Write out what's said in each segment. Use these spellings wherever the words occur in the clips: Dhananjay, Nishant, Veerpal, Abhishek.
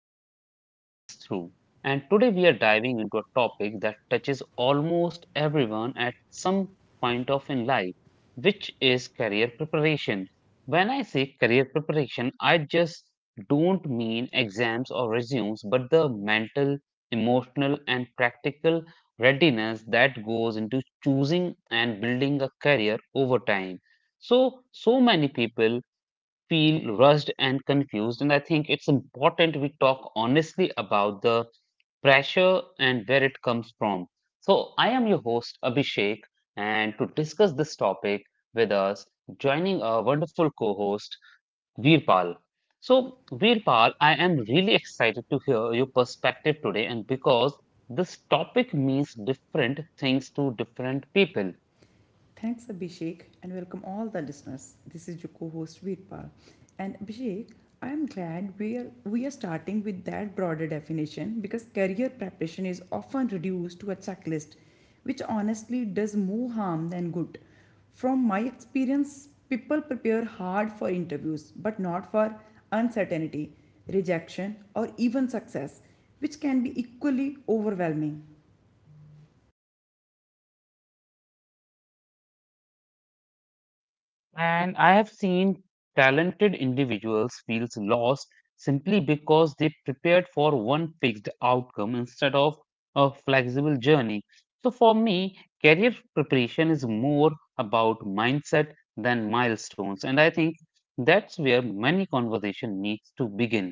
really talk things through. And today we are diving into a topic that touches almost everyone at some point of in life, which is career preparation. When I say career preparation, I just don't mean exams or resumes, but the mental, emotional, and practical readiness that goes into choosing and building a career over time. So many people feel rushed and confused, and I think it's important we talk honestly about the pressure and where it comes from. So, I am your host, Abhishek, and to discuss this topic with us, joining our wonderful co host, Veerpal. So, Veerpal, I am really excited to hear your perspective today, and because this topic means different things to different people. Thanks, Abhishek, and welcome all the listeners. This is your co-host Veerpal, and Abhishek, I am glad we are starting with that broader definition because career preparation is often reduced to a checklist, which honestly does more harm than good. From my experience, people prepare hard for interviews, but not for uncertainty, rejection, or even success, which can be equally overwhelming. And I have seen talented individuals feel lost simply because they prepared for one fixed outcome instead of a flexible journey. So for me, career preparation is more about mindset than milestones. And I think that's where many conversation needs to begin.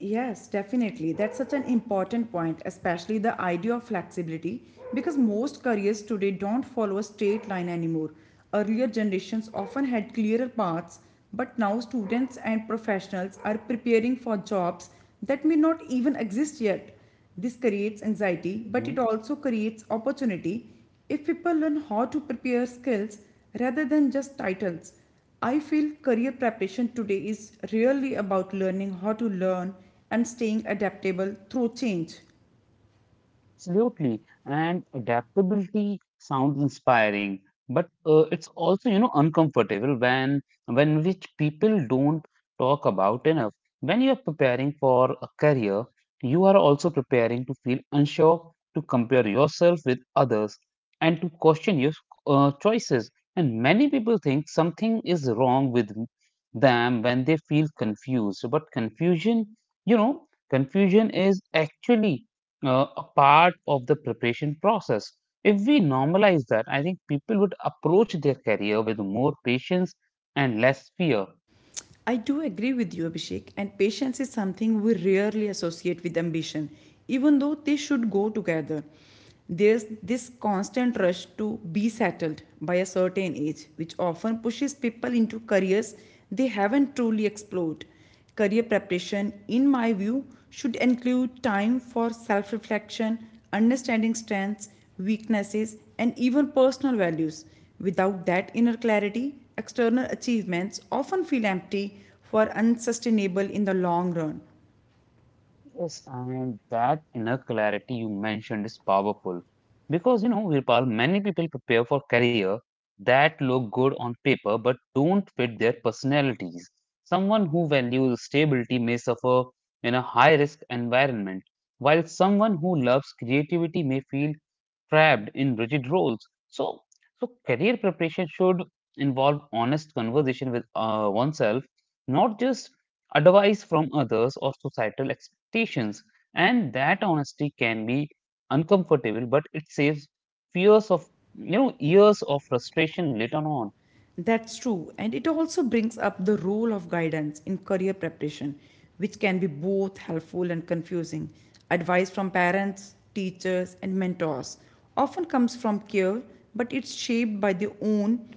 Yes, definitely. That's such an important point, especially the idea of flexibility, because most careers today don't follow a straight line anymore. Earlier generations often had clearer paths, but now students and professionals are preparing for jobs that may not even exist yet. This creates anxiety, but it also creates opportunity if people learn how to prepare skills rather than just titles. I feel career preparation today is really about learning how to learn and staying adaptable through change. Absolutely. And adaptability sounds inspiring, but it's also, uncomfortable when which people don't talk about enough. When you are preparing for a career, you are also preparing to feel unsure, to compare yourself with others, and to question your choices. And many people think something is wrong with them when they feel confused. But confusion, confusion is actually a part of the preparation process. If we normalize that, I think people would approach their career with more patience and less fear. I do agree with you, Abhishek, and patience is something we rarely associate with ambition, even though they should go together. There's this constant rush to be settled by a certain age, which often pushes people into careers they haven't truly explored. Career preparation, in my view, should include time for self reflection, understanding strengths, weaknesses, and even personal values. Without that inner clarity, external achievements often feel empty or unsustainable in the long run. Yes, and that inner clarity you mentioned is powerful because Virpal, many people prepare for career that look good on paper but don't fit their personalities. Someone who values stability may suffer in a high-risk environment, while someone who loves creativity may feel trapped in rigid roles. So, so career preparation should involve honest conversation with oneself, not just advice from others, or societal expectations. And that honesty can be uncomfortable, but it saves fears of, years of frustration later on. That's true. And it also brings up the role of guidance in career preparation, which can be both helpful and confusing. Advice from parents, teachers, and mentors often comes from care, but it's shaped by their own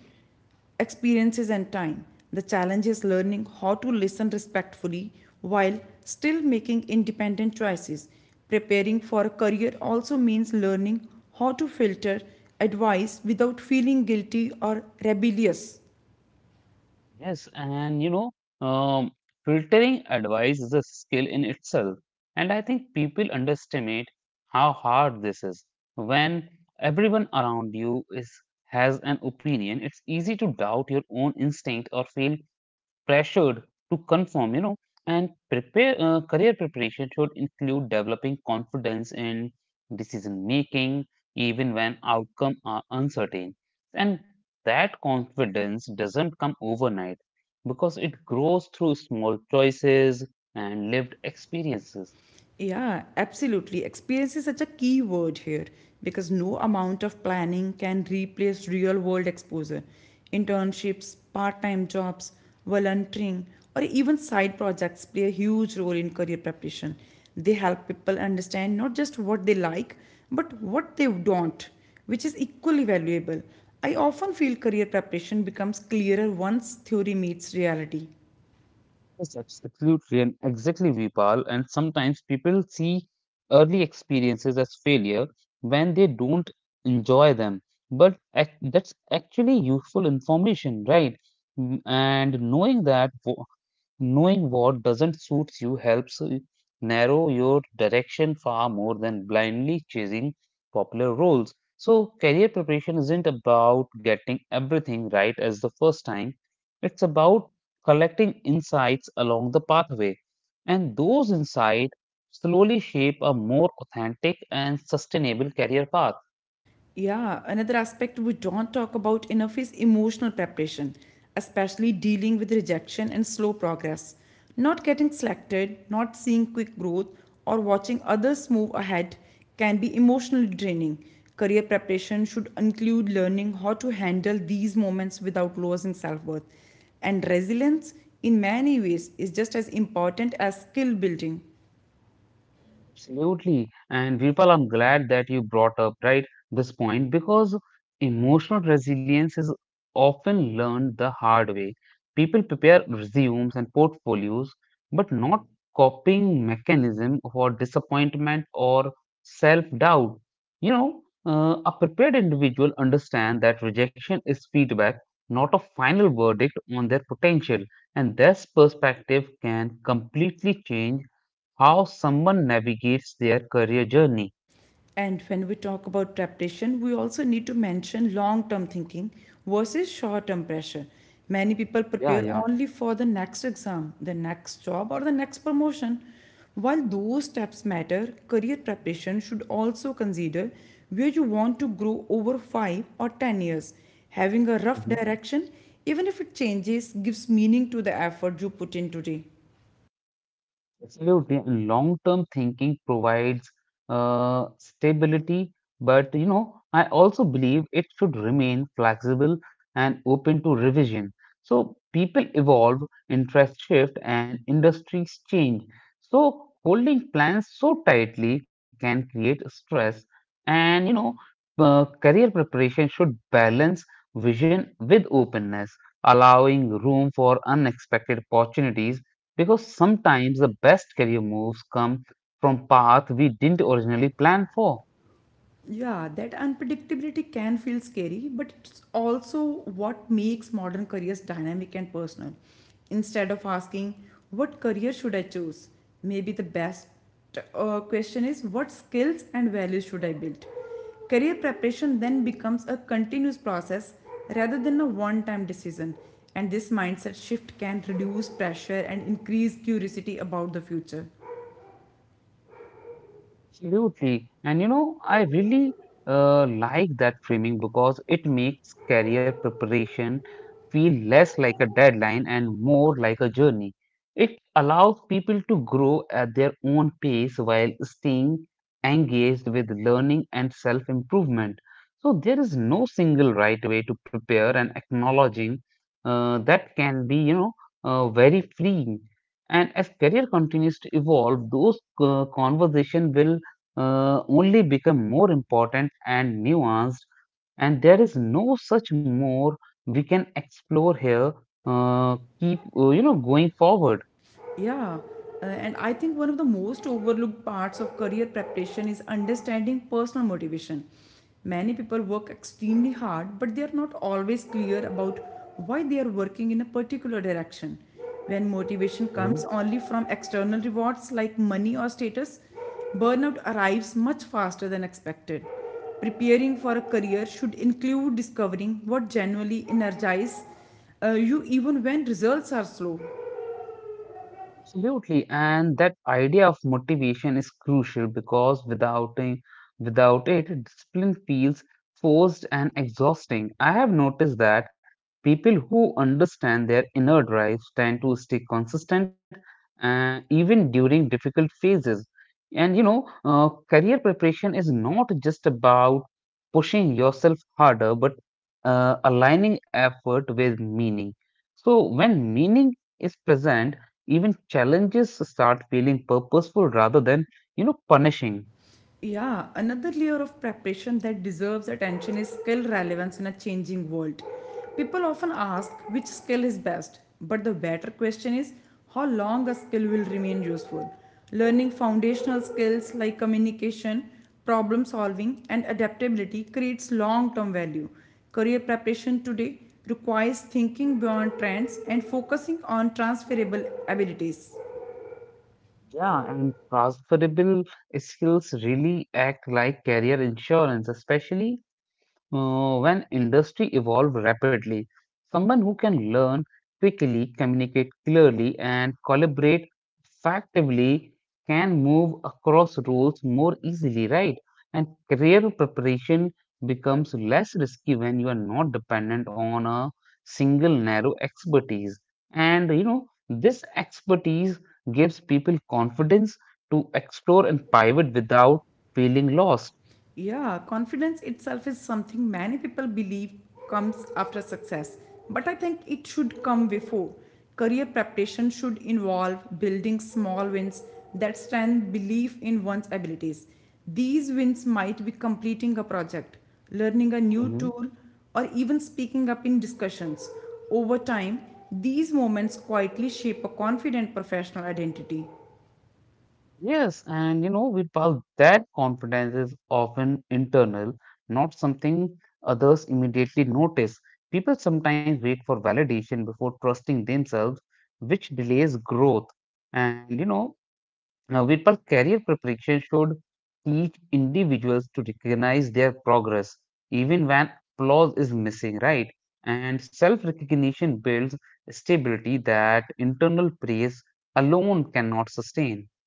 experiences and time. The challenge is learning how to listen respectfully while still making independent choices. Preparing for a career also means learning how to filter advice without feeling guilty or rebellious. Yes, and um, filtering advice is a skill in itself. And I think people underestimate how hard this is. When everyone around you is has an opinion, it's easy to doubt your own instinct or feel pressured to conform. And prepare career preparation should include developing confidence in decision making, even when outcome are uncertain. And that confidence doesn't come overnight because it grows through small choices and lived experiences. Yeah, absolutely. Experience is such a key word here because no amount of planning can replace real world exposure. Internships, part time jobs, volunteering, or even side projects play a huge role in career preparation. They help people understand not just what they like, but what they don't, which is equally valuable. I often feel career preparation becomes clearer once theory meets reality. Yes, absolutely, and exactly, Vipal. And sometimes people see early experiences as failure when they don't enjoy them, but that's actually useful information, right? Mm, And knowing that wo- Knowing what doesn't suit you helps you narrow your direction far more than blindly chasing popular roles. So, career preparation isn't about getting everything right as the first time, it's about collecting insights along the pathway. And those insights slowly shape a more authentic and sustainable career path. Yeah, another aspect we don't talk about enough is emotional preparation, especially dealing with rejection and slow progress. Not getting selected, not seeing quick growth, or watching others move ahead can be emotionally draining. Career preparation should include learning how to handle these moments without losing self worth. And resilience, in many ways, is just as important as skill building. Absolutely. And Virpal, I'm glad that you brought up, right, this point because emotional resilience is often learned the hard way. People prepare resumes and portfolios, but not coping mechanism for disappointment or self-doubt. A prepared individual understand that rejection is feedback, not a final verdict on their potential, and this perspective can completely change how someone navigates their career journey. And when we talk about preparation, we also need to mention long term thinking versus short term pressure. Many people Yeah, prepare yeah. only for the next exam, the next job, or the next promotion. While those steps matter, career preparation should also consider where you want to grow over 5 or 10 years. Having a rough Hmm. direction, even if it changes, gives meaning to the effort you put in today. Absolutely. And long-term thinking provides stability, but I also believe it should remain flexible and open to revision. So people evolve, interest shift, and industries change. So holding plans so tightly can create stress and career preparation should balance vision with openness, allowing room for unexpected opportunities because sometimes the best career moves come from paths we didn't originally plan for. Yeah, that unpredictability can feel scary, but it's also what makes modern careers dynamic and personal. Instead of asking, what career should I choose? Maybe the best question is, what skills and values should I build? Career preparation then becomes a continuous process rather than a one time decision, and this mindset shift can reduce pressure and increase curiosity about the future. Absolutely. And I really like that framing because it makes career preparation feel less like a deadline and more like a journey. It allows people to grow at their own pace while staying engaged with learning and self improvement. So, there is no single right way to prepare and acknowledging that can be, very freeing. And as career continues to evolve, those conversation will only become more important and nuanced and there is no such more we can explore here, uh, keep going forward. Yeah, and I think one of the most overlooked parts of career preparation is understanding personal motivation. Many people work extremely hard, but they are not always clear about why they are working in a particular direction. When motivation comes Mhm. only from external rewards like money or status, burnout arrives much faster than expected. Preparing for a career should include discovering what genuinely energizes you even when results are slow. Absolutely, and that idea of motivation is crucial because without it, discipline feels forced and exhausting. I have noticed that people who understand their inner drives tend to stay consistent, even during difficult phases. And career preparation is not just about pushing yourself harder, but aligning effort with meaning. So, when meaning is present, even challenges start feeling purposeful rather than, punishing. Yeah, another layer of preparation that deserves attention is skill relevance in a changing world. People often ask which skill is best, but the better question is how long a skill will remain useful. Learning foundational skills like communication, problem solving, and adaptability creates long term value. Career preparation today requires thinking beyond trends and focusing on transferable abilities. Yeah, and transferable skills really act like career insurance, especially when industry evolve rapidly. Someone who can learn quickly, communicate clearly, and collaborate effectively can move across roles more easily, right? And career preparation becomes less risky when you are not dependent on a single narrow expertise. And this expertise gives people confidence to explore and pivot without feeling lost. Yeah, confidence itself is something many people believe comes after success, but I think it should come before. Career preparation should involve building small wins that strengthen belief in one's abilities. These wins might be completing a project, learning a new Mhm. tool, or even speaking up in discussions. Over time, these moments quietly shape a confident professional identity. Yes, and Virpal, that confidence is often internal, not something others immediately notice. People sometimes wait for validation before trusting themselves, which delays growth. And Virpal, career preparation should teach individuals to recognize their progress, even when applause is missing, right? And self-recognition builds stability that internal praise alone cannot sustain.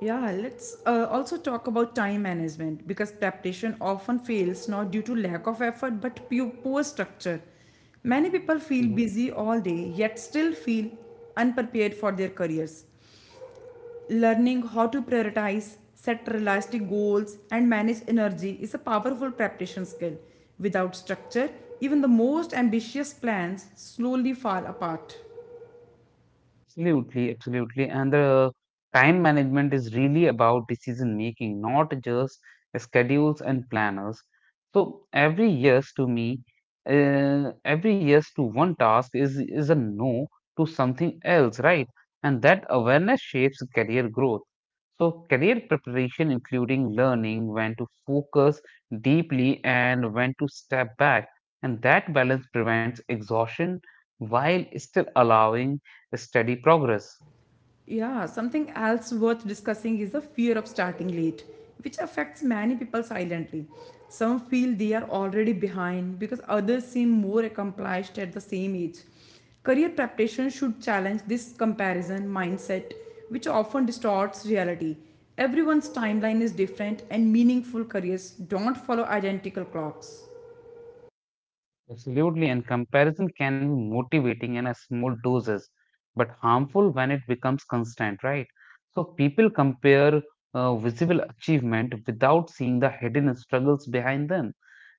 Yeah, let's also talk about time management because preparation often fails not due to lack of effort but poor structure. Many people feel busy all day yet still feel unprepared for their careers. Learning how to prioritize, set realistic goals, and manage energy is a powerful preparation skill. Without structure, even the most ambitious plans slowly fall apart. Absolutely. And the time management is really about decision making, not just schedules and planners. So every yes to one task is a no to something else, right? And that awareness shapes career growth. So career preparation, including learning when to focus deeply and when to step back, and that balance prevents exhaustion while still allowing steady progress. Yeah, something else worth discussing is the fear of starting late, which affects many people silently. Some feel they are already behind because others seem more accomplished at the same age. Career preparation should challenge this comparison mindset, which often distorts reality. Everyone's timeline is different, and meaningful careers don't follow identical clocks. Absolutely, and comparison can be motivating in a small doses, but harmful when it becomes constant, right? So people compare visible achievement without seeing the hidden struggles behind them.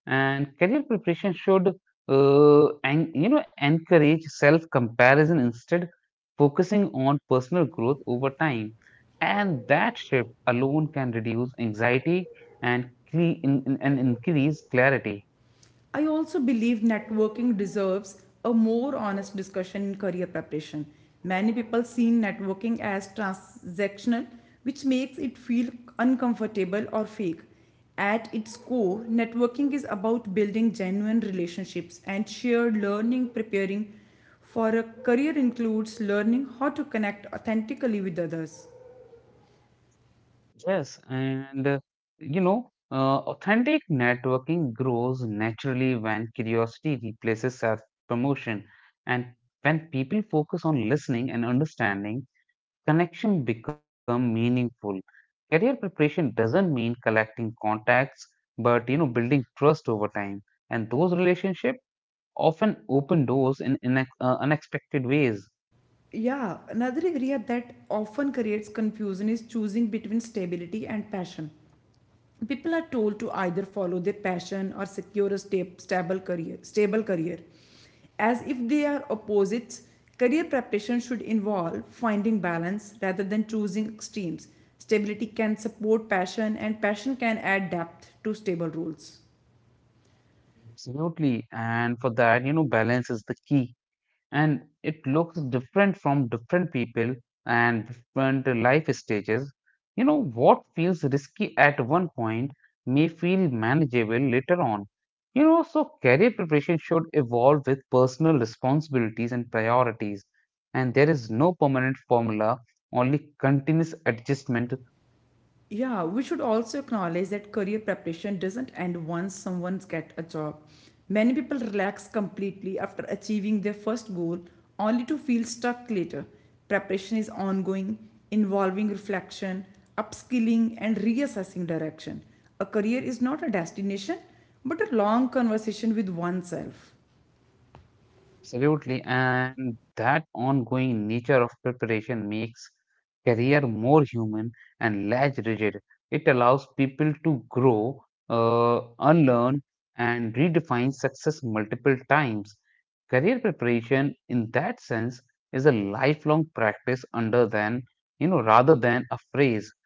And career preparation should, encourage self-comparison instead, focusing on personal growth over time. And that shift alone can reduce anxiety and, cre- in- and increase clarity. I also believe networking deserves a more honest discussion in career preparation. Many people see networking as transactional, which makes it feel uncomfortable or fake. At its core, networking is about building genuine relationships and shared learning. Preparing for a career includes learning how to connect authentically with others. Yes, and authentic networking grows naturally when curiosity replaces self-promotion, and when people focus on listening and understanding, connection become meaningful. Career preparation doesn't mean collecting contacts, but building trust over time, and those relationships often open doors in inex unexpected ways. Yeah, another area that often creates confusion is choosing between stability and passion. People are told to either follow their passion or secure a stable career as if they are opposites. Career preparation should involve finding balance rather than choosing extremes. Stability can support passion and passion can add depth to stable rules. Absolutely, and for that, balance is the key. And it looks different from different people and different life stages. You know, what feels risky at one point may feel manageable later on. You know, so career preparation should evolve with personal responsibilities and priorities, and there is no permanent formula, only continuous adjustment. Yeah, we should also acknowledge that career preparation doesn't end once someone gets a job. Many people relax completely after achieving their first goal only to feel stuck later. Preparation is ongoing, involving reflection, upskilling, and reassessing direction. A career is not a destination, but a long conversation with oneself. Absolutely, and that ongoing nature of preparation makes career more human and less rigid. It allows people to grow, unlearn, and redefine success multiple times. Career preparation, in that sense, is a lifelong practice under than rather than a phrase.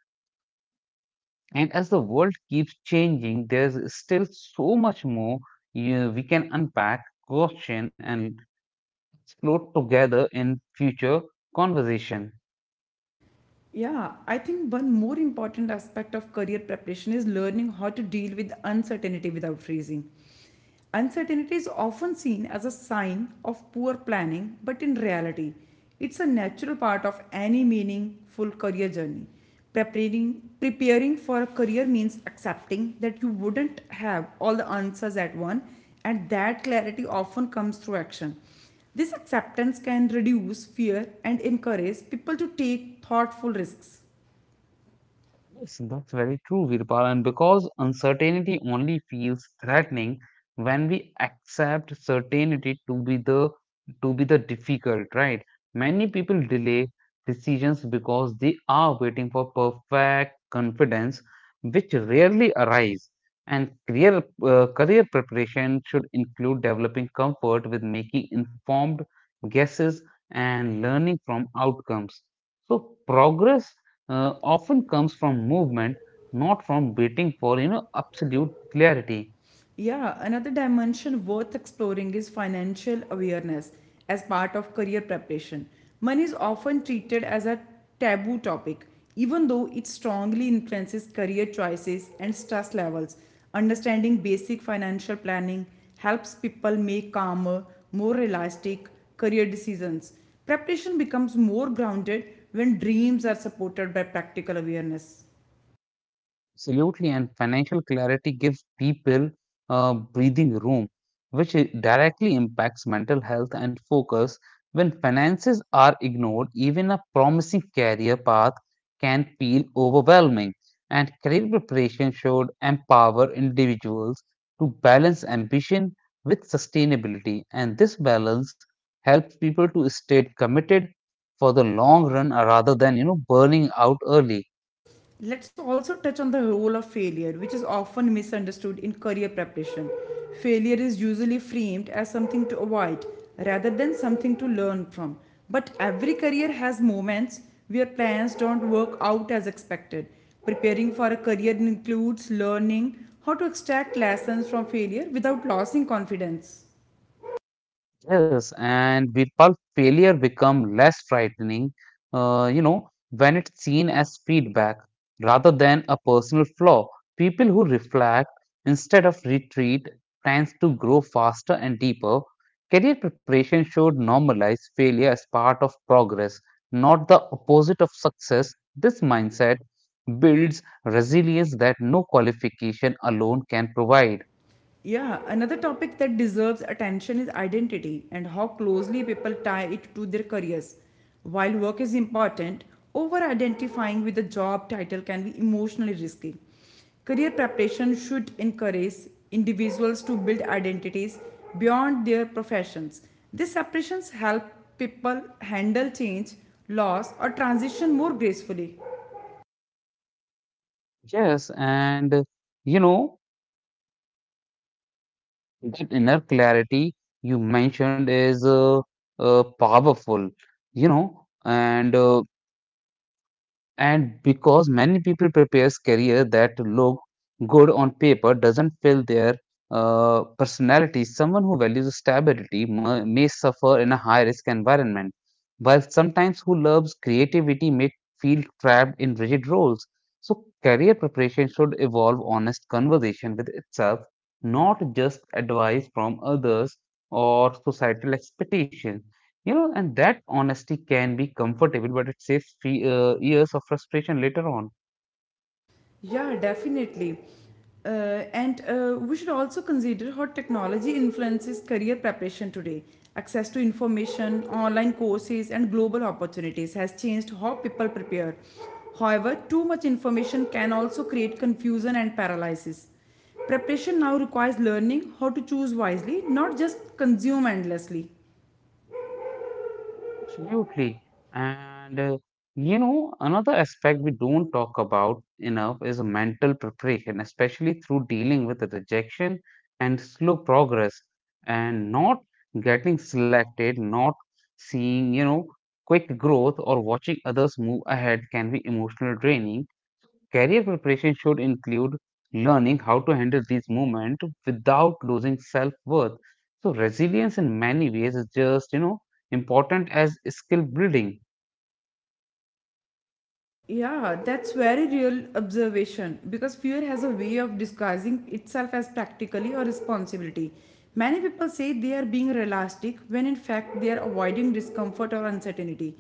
And as the world keeps changing, there's still so much more we can unpack, question, and explore together in future conversation. Yeah, I think one more important aspect of career preparation is learning how to deal with uncertainty without freezing. Uncertainty is often seen as a sign of poor planning, but in reality, it's a natural part of any meaningful career journey. Preparing for a career means accepting that you wouldn't have all the answers at once, and that clarity often comes through action. This acceptance can reduce fear and encourage people to take thoughtful risks. Yes, that's very true, Virpal. And because uncertainty only feels threatening when we accept certainty to be the difficult, right? Many people delay decisions because they are waiting for perfect confidence, which rarely arrives. And career preparation should include developing comfort with making informed guesses and learning from outcomes. So progress often comes from movement, not from waiting for absolute clarity. Yeah, another dimension worth exploring is financial awareness as part of career preparation. Money is often treated as a taboo topic, even though it strongly influences career choices and stress levels. Understanding basic financial planning helps people make calmer, more realistic career decisions. Preparation becomes more grounded when dreams are supported by practical awareness. Absolutely, and financial clarity gives people breathing room, which directly impacts mental health and focus. When finances are ignored, even a promising career path can feel overwhelming, and career preparation should empower individuals to balance ambition with sustainability, and this balance helps people to stay committed for the long run rather than burning out early. Let's also touch on the role of failure, which is often misunderstood in career preparation. Failure is usually framed as something to avoid rather than something to learn from. But every career has moments where plans don't work out as expected. Preparing for a career includes learning how to extract lessons from failure without losing confidence. Yes, and people failure become less frightening, when it's seen as feedback rather than a personal flaw. People who reflect instead of retreat plans to grow faster and deeper. Career preparation should normalize failure as part of progress, not the opposite of success. This mindset builds resilience that no qualification alone can provide. Yeah, another topic that deserves attention is identity and how closely people tie it to their careers. While work is important, over identifying with a job title can be emotionally risky. Career preparation should encourage individuals to build identities beyond their professions. These separations help people handle change, loss, or transition more gracefully. Yes, and you know. That inner clarity you mentioned is powerful, you know, and because many people prepares career that look good on paper doesn't fill their personality, someone who values stability may suffer in a high risk environment, while sometimes who loves creativity may feel trapped in rigid roles. So career preparation should evolve honest conversation with itself, not just advice from others or societal expectations. You know, and That honesty can be comfortable, but it saves years of frustration later on. Yeah, definitely. And We should also consider how technology influences career preparation today. Access to information, online courses, and global opportunities has changed how people prepare. However, too much information can also create confusion and paralysis. Preparation now requires learning how to choose wisely, not just consume endlessly. Absolutely. And uh, Another aspect we don't talk about enough is mental preparation, especially through dealing with the rejection and slow progress and not getting selected, not seeing quick growth or watching others move ahead can be emotional draining. Career preparation should include learning how to handle these moments without losing self worth. So, resilience in many ways is just important as skill building. Yeah, that's very real observation because fear has a way of disguising itself as practically or responsibility. Many people say they are being realistic when in fact they are avoiding discomfort or uncertainty.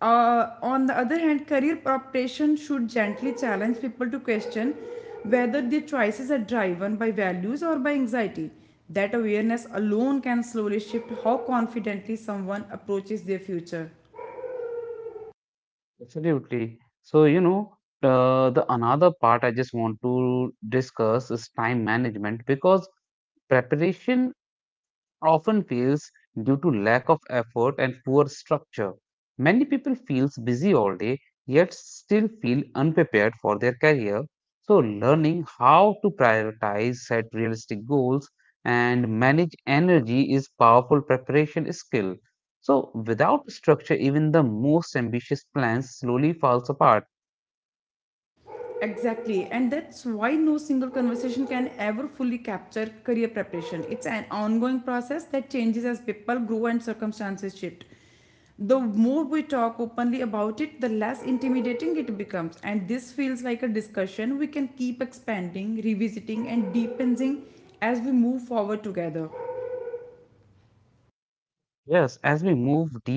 On the other hand, career preparation should gently challenge people to question whether their choices are driven by values or by anxiety. That awareness alone can slowly shift how confidently someone approaches their future. Absolutely. The another part I just want to discuss is time management because preparation often fails due to lack of effort and poor structure. Many people feel busy all day yet still feel unprepared for their career. So learning how to prioritize, set realistic goals and manage energy is powerful preparation skill. So without structure even the most ambitious plans slowly falls apart. Exactly, and that's why no single conversation can ever fully capture career preparation. It's an ongoing process that changes as people grow and circumstances shift. The more we talk openly about it, the less intimidating it becomes, and this feels like a discussion we can keep expanding, revisiting, and deepening as we move forward together. Yes, as we move deeper,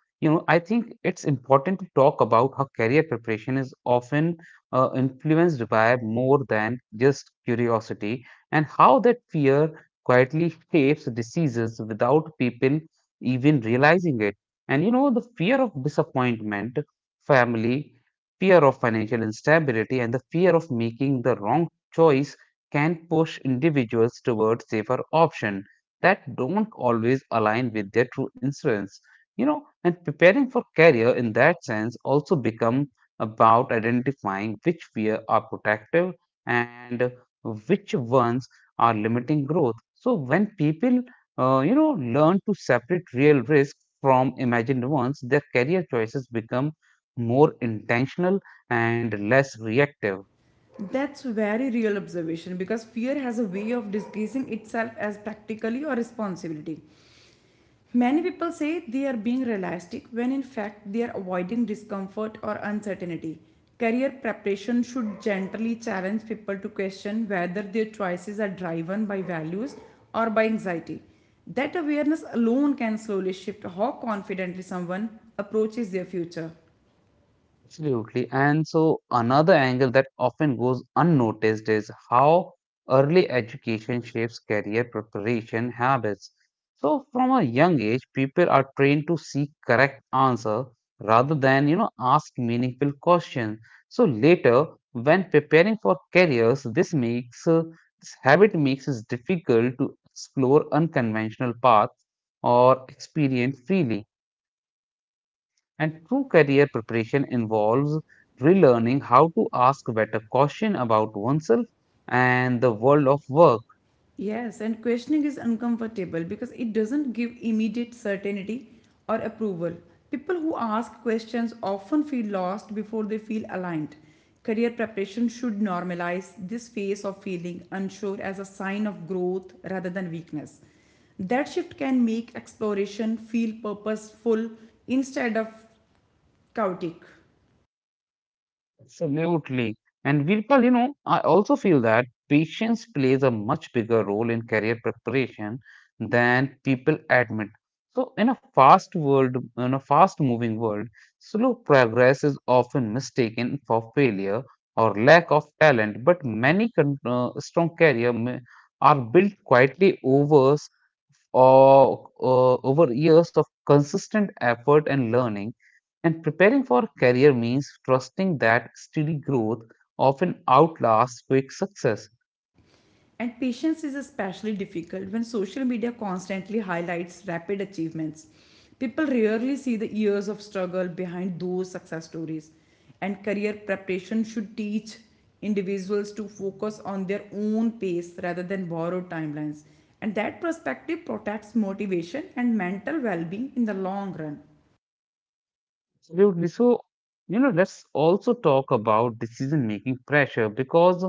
I think it's important to talk about how career preparation is often influenced by more than just curiosity and how that fear quietly shapes decisions without people even realizing it. The fear of disappointment, family, fear of financial instability, and the fear of making the wrong choice can push individuals towards safer options that don't always align with their true insurance. And preparing for career in that sense also become about identifying which fear are protective and which ones are limiting growth. So when people uh, you know learn to separate real risk from imagined ones, their career choices become more intentional and less reactive. That's very real observation because fear has a way of disguising itself as practically or responsibility. Many people say they are being realistic when in fact they are avoiding discomfort or uncertainty. Career preparation should gently challenge people to question whether their choices are driven by values or by anxiety. That awareness alone can slowly shift how confidently someone approaches their future. Absolutely. And so, another angle that often goes unnoticed is how early education shapes career preparation habits. So, from a young age, people are trained to seek correct answer rather than ask meaningful questions. So, later, when preparing for careers, this habit makes it difficult to explore unconventional paths or experience freely. And true career preparation involves relearning how to ask better question about oneself and the world of work. Yes, and questioning is uncomfortable because it doesn't give immediate certainty or approval. People who ask questions often feel lost before they feel aligned. Career preparation should normalize this phase of feeling unsure as a sign of growth rather than weakness. That shift can make exploration feel purposeful instead of chaotic. Absolutely. And Virpal, I also feel that patience plays a much bigger role in career preparation than people admit. So in a fast moving world, slow progress is often mistaken for failure or lack of talent, but strong career are built quietly over Or over years of consistent effort and learning. And preparing for a career means trusting that steady growth often outlasts quick success. And patience is especially difficult when social media constantly highlights rapid achievements. People rarely see the years of struggle behind those success stories. And career preparation should teach individuals to focus on their own pace rather than borrowed timelines. And that perspective protects motivation and mental well being in the long run. Absolutely. So, let's also talk about decision-making pressure because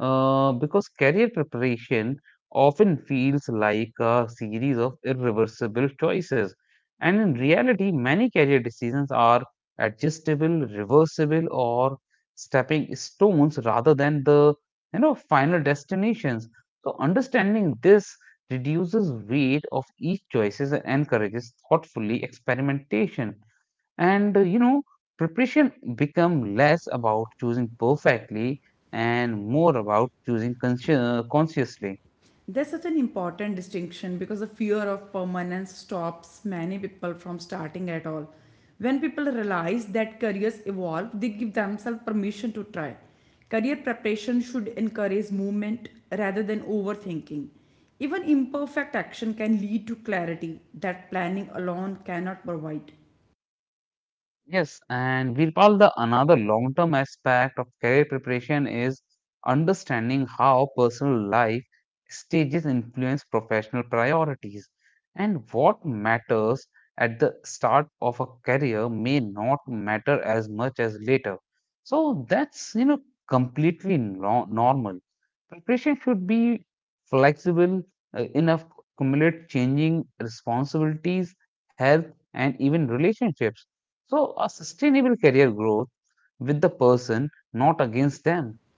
uh, because career preparation often feels like a series of irreversible choices. And in reality, many career decisions are adjustable, reversible, or stepping stones rather than the final destinations. So understanding this reduces weight of each choices and encourages thoughtfully experimentation. And preparation become less about choosing perfectly and more about choosing consciously. There's such an important distinction because the fear of permanence stops many people from starting at all. When people realize that careers evolve, they give themselves permission to try. Career preparation should encourage movement rather than overthinking. Even imperfect action can lead to clarity that planning alone cannot provide. Yes, and Virpal, the another long term aspect of career preparation is understanding how personal life stages influence professional priorities, and what matters at the start of a career may not matter as much as later. So that's completely normal. Preparation should be flexible enough to accommodate changing responsibilities, health, and even relationships. So, a sustainable career growth with the person, not against them.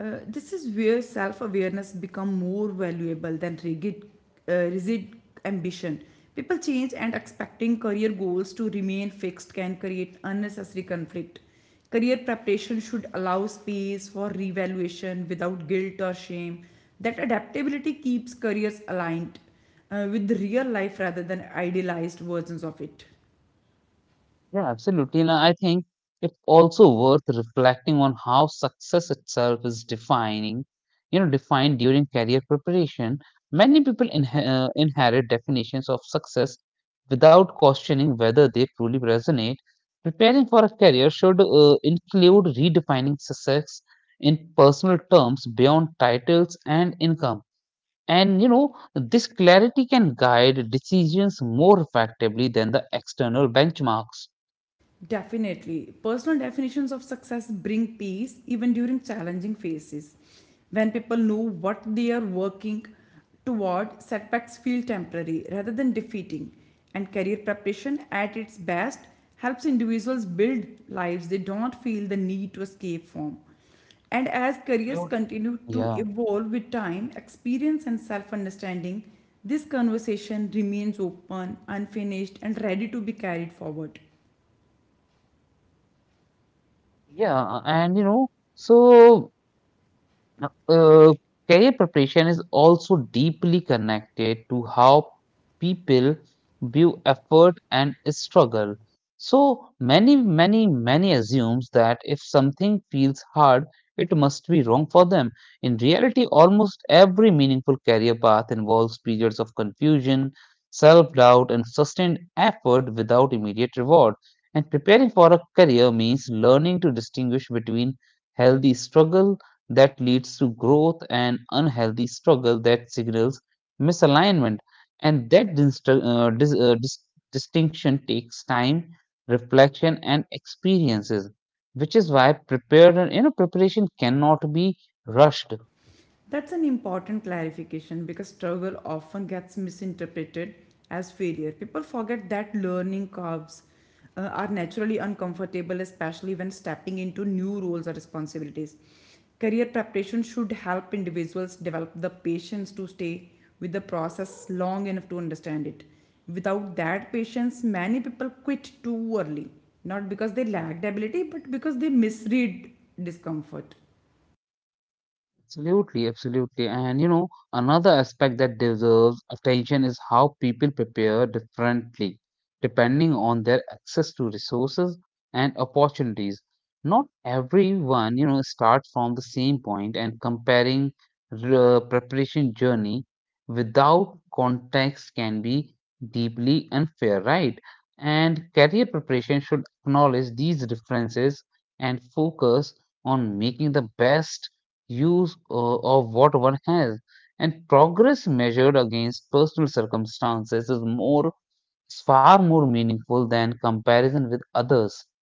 This is where self-awareness become more valuable than rigid ambition. People change and expecting career goals to remain fixed can create unnecessary conflict. Career preparation should allow space for revaluation without guilt or shame. That adaptability keeps careers aligned with real life rather than idealized versions of it. Yeah, absolutely. And I think it's also worth reflecting on how success itself is defined during career preparation. Many people inherit definitions of success without questioning whether they truly resonate. Preparing for a career should include redefining success in personal terms beyond titles and income. And, this clarity can guide decisions more effectively than the external benchmarks. Definitely. Personal definitions of success bring peace even during challenging phases. When people know what they are working toward, setbacks feel temporary rather than defeating. And career preparation at its best helps individuals build lives they don't feel the need to escape from. And as careers Absolutely. continue to Yeah. evolve with time, experience, and self understanding, this conversation remains open, unfinished, and ready to be carried forward. Yeah. And you know, so Now, Career preparation is also deeply connected to how people view effort and struggle. So many assumes that if something feels hard, it must be wrong for them. In reality, almost every meaningful career path involves periods of confusion, self-doubt, and sustained effort without immediate reward. And preparing for a career means learning to distinguish between healthy struggle that leads to growth and unhealthy struggle that signals misalignment. And that distinction takes time, reflection, and experiences, which is why preparation cannot be rushed. That's an important clarification because struggle often gets misinterpreted as failure. People forget that learning curves are naturally uncomfortable, especially when stepping into new roles or responsibilities. Career preparation should help individuals develop the patience to stay with the process long enough to understand it. Without that patience, many people quit too early, not because they lacked ability, but because they misread discomfort. Absolutely. Another aspect that deserves attention is how people prepare differently depending on their access to resources and opportunities. Not everyone, starts from the same point, and comparing the preparation journey without context can be deeply unfair, right? And career preparation should acknowledge these differences and focus on making the best use of what one has. And progress measured against personal circumstances is far more meaningful than comparison with others.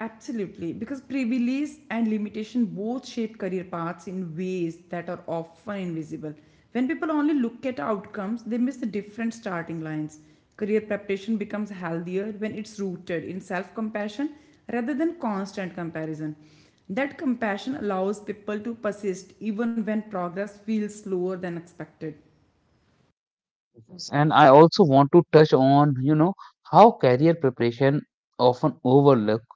Absolutely, because privilege and limitation both shape career paths in ways that are often invisible. When people only look at outcomes, they miss the different starting lines. Career preparation becomes healthier when it's rooted in self compassion rather than constant comparison. That compassion allows people to persist even when progress feels slower than expected. And I also want to touch on, how career preparation often overlook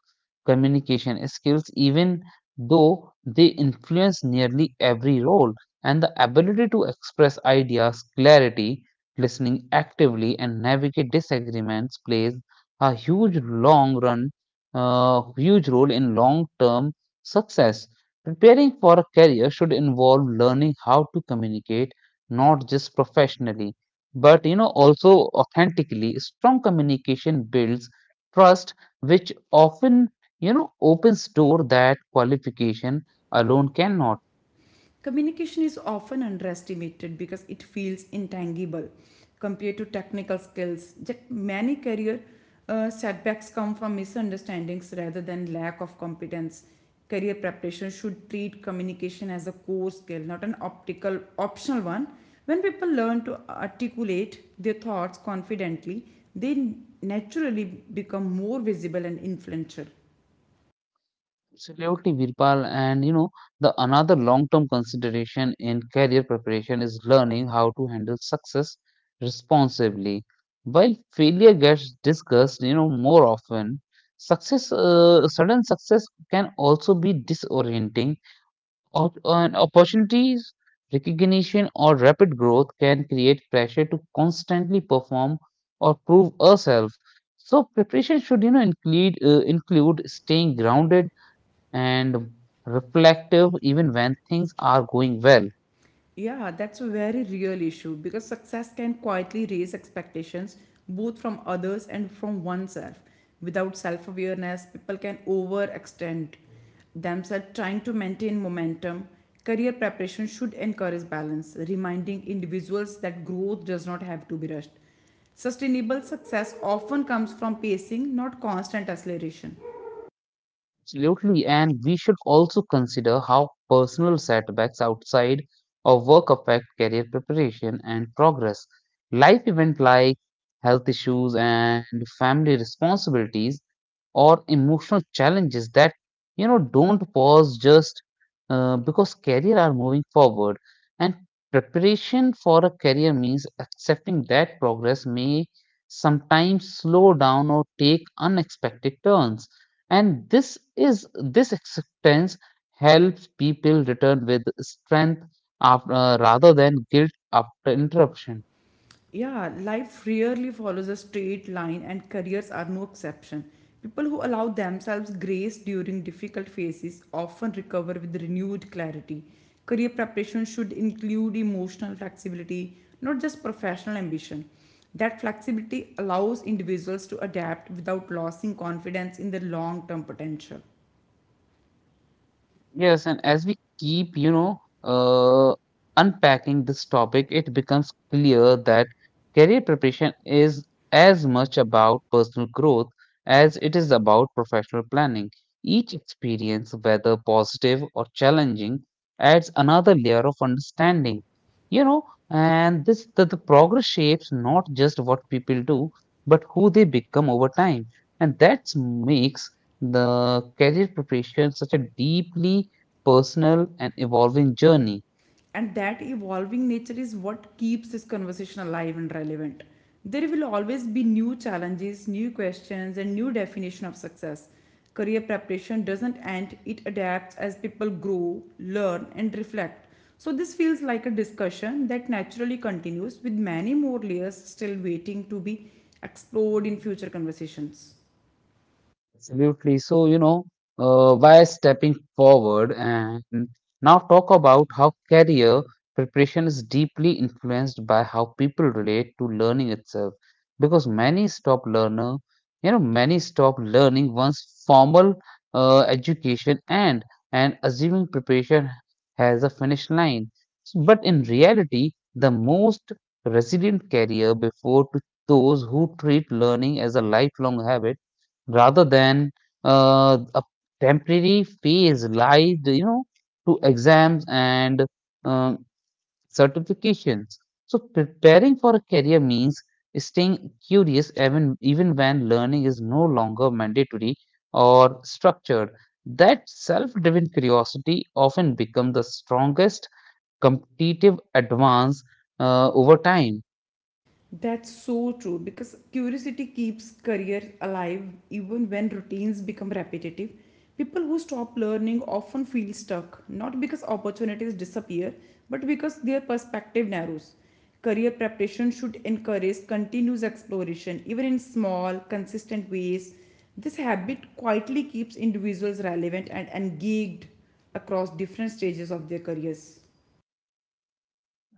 communication skills, even though they influence nearly every role. And the ability to express ideas, clarity, listening actively, and navigate disagreements plays a long run, huge role in long term success. Preparing for a career should involve learning how to communicate, not just professionally but also authentically. Strong communication builds trust, which often opens door that qualification alone cannot. Communication is often underestimated because it feels intangible compared to technical skills. Yet many career setbacks come from misunderstandings rather than lack of competence. Career preparation should treat communication as a core skill, not an optical optional one. When people learn to articulate their thoughts confidently, they naturally become more visible and influential. Absolutely, Virpal, and you know the another long-term consideration in career preparation is learning how to handle success responsibly. While failure gets discussed, more often, sudden success can also be disorienting. On opportunities, recognition, or rapid growth can create pressure to constantly perform or prove ourselves. So preparation should, include staying grounded and reflective even when things are going well. Yeah, that's a very real issue because success can quietly raise expectations both from others and from oneself. Without self awareness, people can overextend themselves trying to maintain momentum. Career preparation should encourage balance, reminding individuals that growth does not have to be rushed. Sustainable success often comes from pacing, not constant acceleration. Absolutely, and we should also consider how personal setbacks outside of work affect career preparation and progress. Life events like health issues and family responsibilities or emotional challenges that don't pause just because career are moving forward. And preparation for a career means accepting that progress may sometimes slow down or take unexpected turns, and is this acceptance helps people return with strength after, rather than guilt after interruption. Yeah, life rarely follows a straight line, and careers are no exception. People who allow themselves grace during difficult phases often recover with renewed clarity. Career preparation should include emotional flexibility, not just professional ambition. That flexibility allows individuals to adapt without losing confidence in their long term potential. Yes, and as we keep, unpacking this topic, it becomes clear that career preparation is as much about personal growth as it is about professional planning. Each experience, whether positive or challenging, adds another layer of understanding. You know, the progress shapes not just what people do, but who they become over time. And that makes the career preparation such a deeply personal and evolving journey. And that evolving nature is what keeps this conversation alive and relevant. There will always be new challenges, new questions, and new definition of success. Career preparation doesn't end, it adapts as people grow, learn, and reflect. So, this feels like a discussion that naturally continues with many more layers still waiting to be explored in future conversations. Absolutely. So, by stepping forward and now talk about how career preparation is deeply influenced by how people relate to learning itself. Because many stop learner, you know, many stop learning once formal education, and assuming preparation has a finish line. But in reality, the most resilient career before to those who treat learning as a lifelong habit rather than a temporary phase lies, to exams and um, certifications. So preparing for a career means staying curious even when learning is no longer mandatory or structured. That self-driven curiosity often becomes the strongest competitive advance over time. That's so true because curiosity keeps career alive even when routines become repetitive. People who stop learning often feel stuck, not because opportunities disappear, but because their perspective narrows. Career preparation should encourage continuous exploration, even in small, consistent ways. This habit quietly keeps individuals relevant and engaged across different stages of their careers.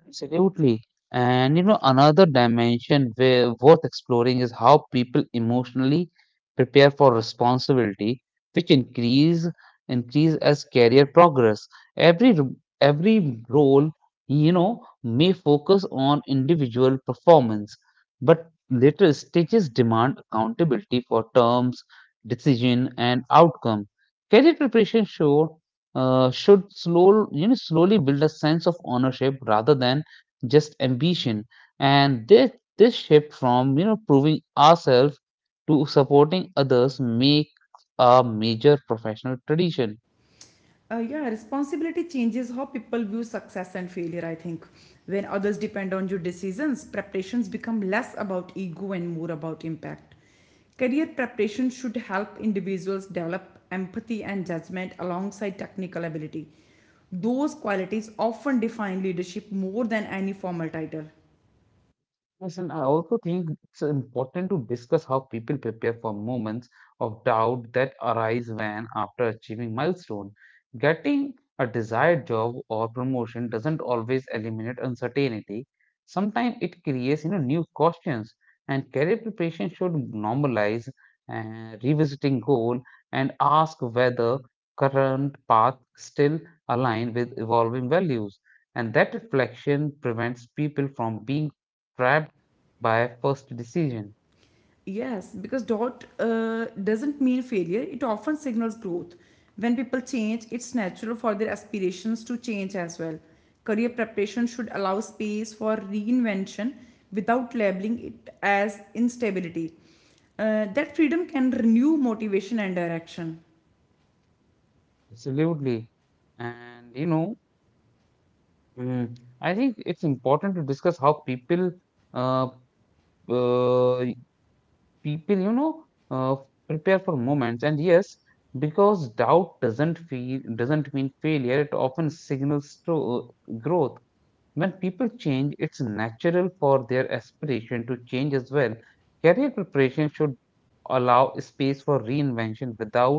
Absolutely. Another dimension where worth exploring is how people emotionally prepare for responsibility, which increase as career progress. Every r- every role, you know, may focus on individual performance, but later stages demand accountability for terms, decision, and outcome. Career preparation show should slowly build a sense of ownership rather than just ambition. And this shift from proving ourselves to supporting others make a major professional tradition. Yeah, responsibility changes how people view success and failure, I think. When others depend on your decisions, preparations become less about ego and more about impact. Career preparation should help individuals develop empathy and judgment alongside technical ability. Those qualities often define leadership more than any formal title. Yes, and I also think it's important to discuss how people prepare for moments of doubt that arise when, after achieving milestone, getting a desired job or promotion doesn't always eliminate uncertainty. Sometimes it creates, new questions. And career preparation should normalize revisiting goal and ask whether current path still align with evolving values. And that reflection prevents people from being trapped by first decision. Yes, because doubt doesn't mean failure, it often signals growth. When people change, it's natural for their aspirations to change as well. Career preparation should allow space for reinvention without labeling it as instability. That freedom can renew motivation and direction. Absolutely. And you know, mm, I think it's important to discuss how uh, uh, people prepare for moments. And yes, because doubt doesn't feel doesn't mean failure. It often signals to growth. When people change, it's natural for their aspiration to change as well. Career preparation should allow space for reinvention without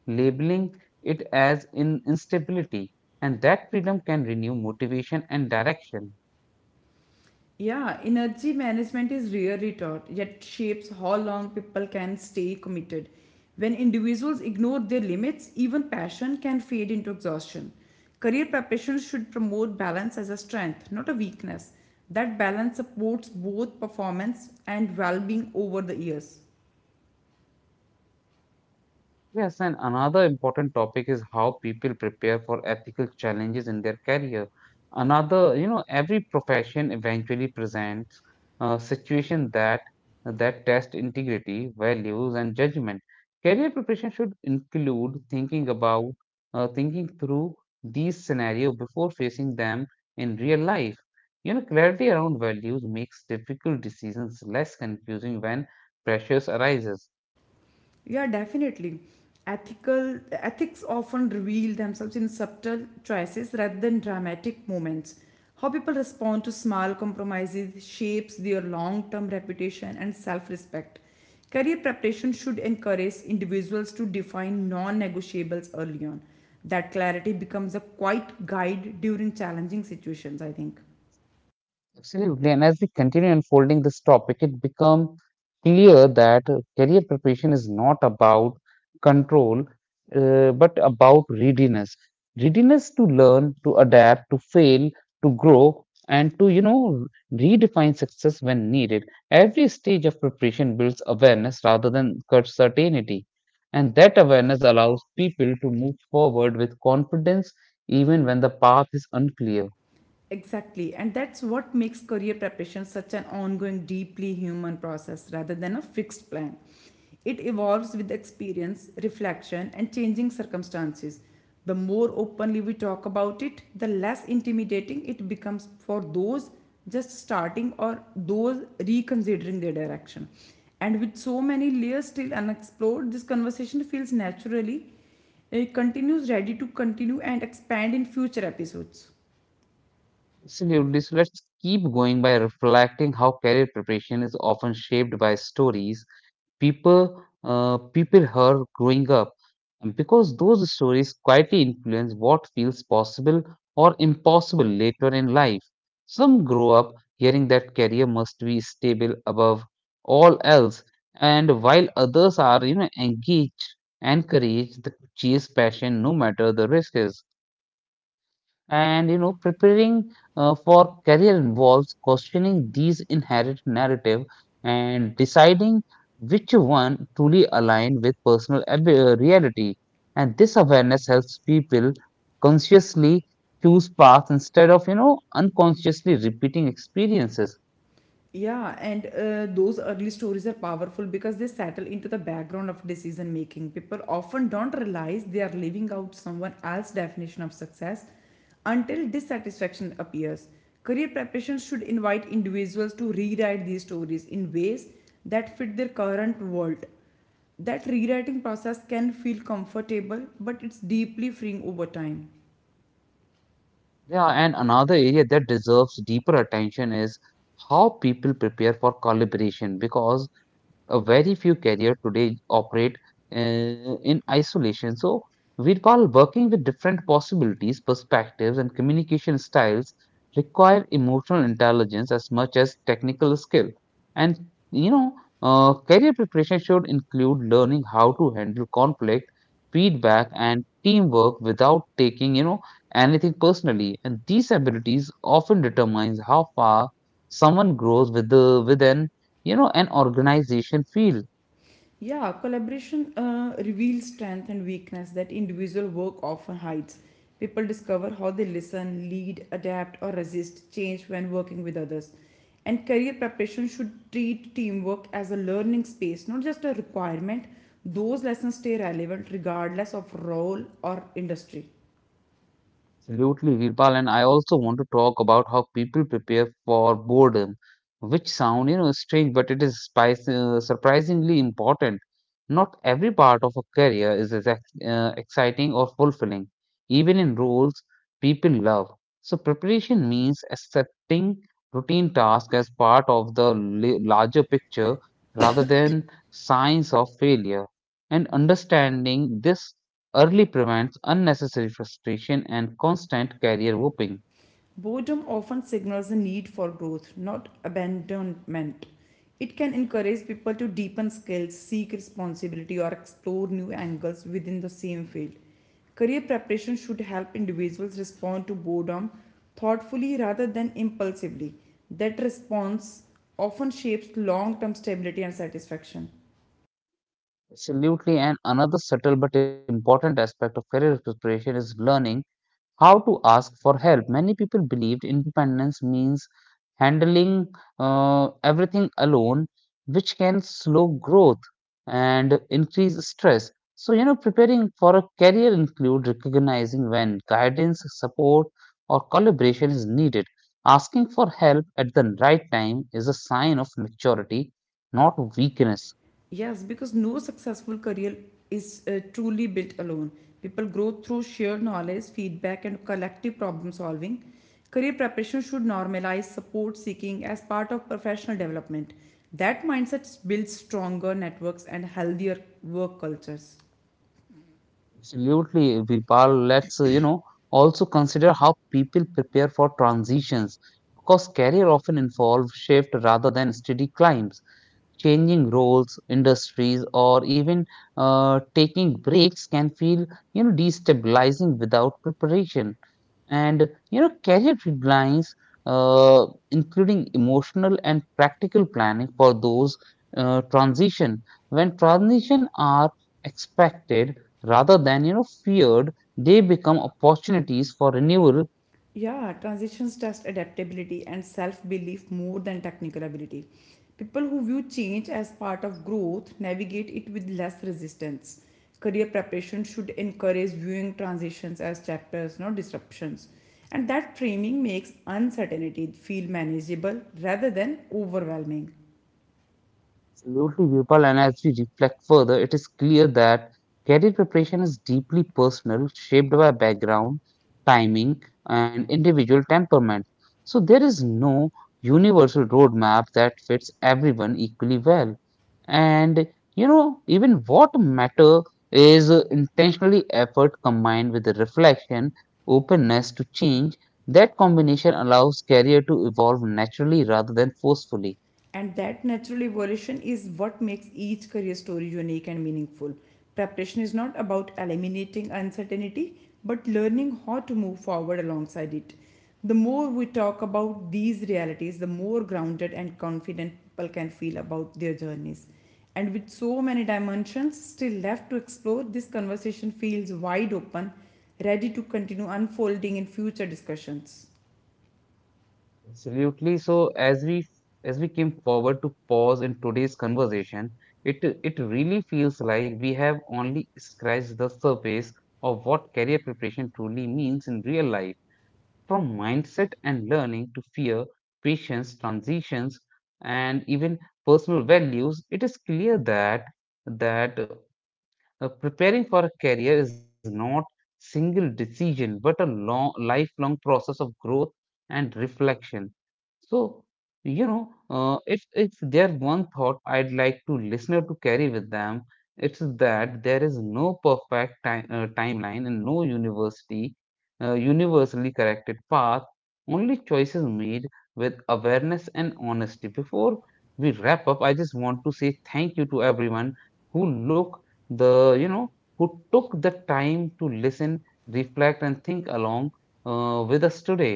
labeling it as in instability, and that freedom can renew motivation and direction. Yeah, energy management is rarely taught, yet shapes how long people can stay committed. When individuals ignore their limits, even passion can fade into exhaustion. Career preparation should promote balance as a strength, not a weakness. That balance supports both performance and well being over the years. Yes, and another important topic is how people prepare for ethical challenges in their career. Another, every profession eventually presents a situation that test integrity, values, and judgment. Career preparation should include thinking through these scenarios before facing them in real life. Clarity around values makes difficult decisions less confusing when pressures arises. Yeah, definitely. Ethical ethics often reveal themselves in subtle choices rather than dramatic moments. How people respond to small compromises shapes their long-term reputation and self-respect. Career preparation should encourage individuals to define non-negotiables early on. That clarity becomes a quiet guide during challenging situations, I think. Absolutely. And as we continue unfolding this topic, it becomes clear that career preparation is not about control, but about readiness. Readiness to learn, to adapt, to fail, to grow, and to, redefine success when needed. Every stage of preparation builds awareness rather than certainty. And that awareness allows people to move forward with confidence even when the path is unclear. Exactly. And that's what makes career preparation such an ongoing, deeply human process rather than a fixed plan. It evolves with experience, reflection, and changing circumstances. The more openly we talk about it, the less intimidating it becomes for those just starting or those reconsidering their direction. And with so many layers still unexplored, this conversation feels naturally, it continues ready to continue and expand in future episodes. Absolutely. So let's keep going by reflecting how career preparation is often shaped by stories people people heard growing up, and because those stories quietly influence what feels possible or impossible later in life. Some grow up hearing that career must be stable above all else, and while others are engaged, encouraged to chase passion no matter the risks. And preparing for career involves questioning these inherited narrative and deciding which one truly align with personal reality. And this awareness helps people consciously choose paths instead of unconsciously repeating experiences. Yeah, and those early stories are powerful because they settle into the background of decision making. People often don't realize they are living out someone else's definition of success until dissatisfaction appears. Career preparation should invite individuals to rewrite these stories in ways that fit their current world. That rewriting process can feel comfortable, but it's deeply freeing over time. Yeah, and another area that deserves deeper attention is how people prepare for collaboration because a very few carriers today operate uh, in isolation. So, while working with different possibilities, perspectives, and communication styles require emotional intelligence as much as technical skill. And you know, career preparation should include learning how to handle conflict, feedback, and teamwork without taking anything personally. And these abilities often determines how far someone grows with the within an organization feel. Yeah, collaboration reveals strength and weakness that individual work often hides. People discover how they listen, lead, adapt, or resist change when working with others. And career preparation should treat teamwork as a learning space, not just a requirement. Those lessons stay relevant regardless of role or industry. Absolutely, Virpal, and I also want to talk about how people prepare for boredom, which sound strange, but it is spice, surprisingly important. Not every part of a career is as exciting or fulfilling even in roles people love. So preparation means accepting routine tasks as part of the larger picture rather than signs of failure, and understanding this early prevents unnecessary frustration and constant career whooping. Boredom often signals a need for growth, not abandonment. It can encourage people to deepen skills, seek responsibility, or explore new angles within the same field. Career preparation should help individuals respond to boredom thoughtfully rather than impulsively. That response often shapes long term stability and satisfaction. Absolutely, and another subtle but important aspect of career preparation is learning how to ask for help. Many people believed independence means handling everything alone, which can slow growth and increase stress. So, preparing for a career include recognizing when guidance, support, or collaboration is needed. Asking for help at the right time is a sign of maturity, not weakness. Yes, because no successful career is truly built alone. People grow through shared knowledge, feedback, and collective problem solving. Career preparation should normalize support seeking as part of professional development. That mindset builds stronger networks and healthier work cultures. Absolutely, Vipal. Let's, also consider how people prepare for transitions because career often involve shift rather than steady climbs. Changing roles, industries, or even taking breaks can feel destabilizing without preparation. And career deadlines, including emotional and practical planning for those transition. When transition are expected rather than feared, they become opportunities for renewal. Yeah, transitions test adaptability and self belief more than technical ability. People who view change as part of growth navigate it with less resistance. Career preparation should encourage viewing transitions as chapters, not disruptions. And that framing makes uncertainty feel manageable rather than overwhelming. Absolutely, Virpal. And as we reflect further, it is clear that career preparation is deeply personal, shaped by background, timing, and individual temperament. So there is no universal roadmap that fits everyone equally well. And even what matter is intentionally effort combined with the reflection, openness to change. That combination allows career to evolve naturally rather than forcefully. And that natural evolution is what makes each career story unique and meaningful. Preparation is not about eliminating uncertainty, but learning how to move forward alongside it. The more we talk about these realities, the more grounded and confident people can feel about their journeys. And with so many dimensions still left to explore, this conversation feels wide open, ready to continue unfolding in future discussions. Absolutely. So as we came forward to pause in today's conversation, it it really feels like we have only scratched the surface of what career preparation truly means in real life, from mindset and learning to fear, patience, transitions, and even personal values. It is clear that that preparing for a career is not single decision but a long lifelong process of growth and reflection. So if there one thought I'd like to listener to carry with them, it's that there is no perfect time, timeline and no university universally corrected path, only choices made with awareness and honesty. Before we wrap up, I just want to say thank you to everyone who look the you know who took the time to listen, reflect, and think along with us today.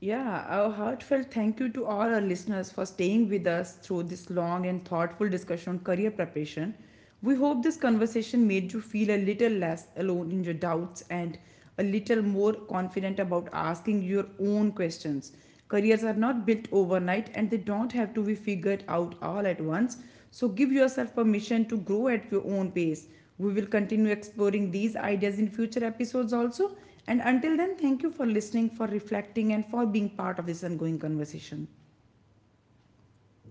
Yeah, a heartfelt thank you to all our listeners for staying with us through this long and thoughtful discussion on career preparation. We hope this conversation made you feel a little less alone in your doubts and a little more confident about asking your own questions. Careers are not built overnight and they don't have to be figured out all at once. So give yourself permission to grow at your own pace. We will continue exploring these ideas in future episodes also. And until then, thank you for listening, for reflecting, and for being part of this ongoing conversation.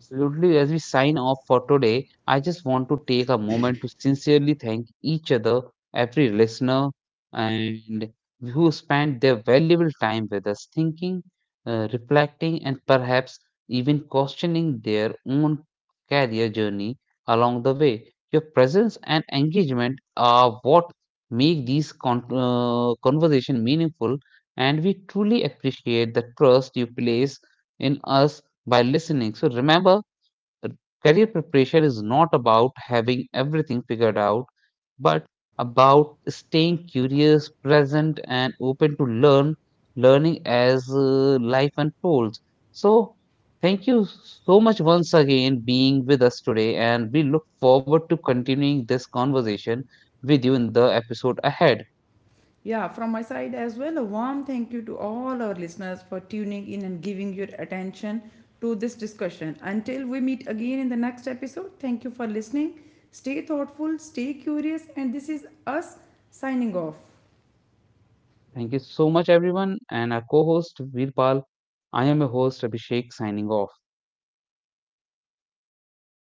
Absolutely, as we sign off for today, I just want to take a moment to sincerely thank each other, every listener, and who spent their valuable time with us, thinking, reflecting, and perhaps even questioning their own career journey along the way. Your presence and engagement are what make these conversation meaningful, and we truly appreciate the trust you place in us by listening. So remember, career preparation is not about having everything figured out, but about staying curious, present, and open to learning as life unfolds. So, thank you so much once again being with us today, and we look forward to continuing this conversation with you in the episode ahead. Yeah, from my side as well, a warm thank you to all our listeners for tuning in and giving your attention to this discussion. Until we meet again in the next episode, thank you for listening. Stay thoughtful, stay curious, and this is us signing off. Thank you so much, everyone, and our co-host Virpal, I am your host Abhishek, signing off.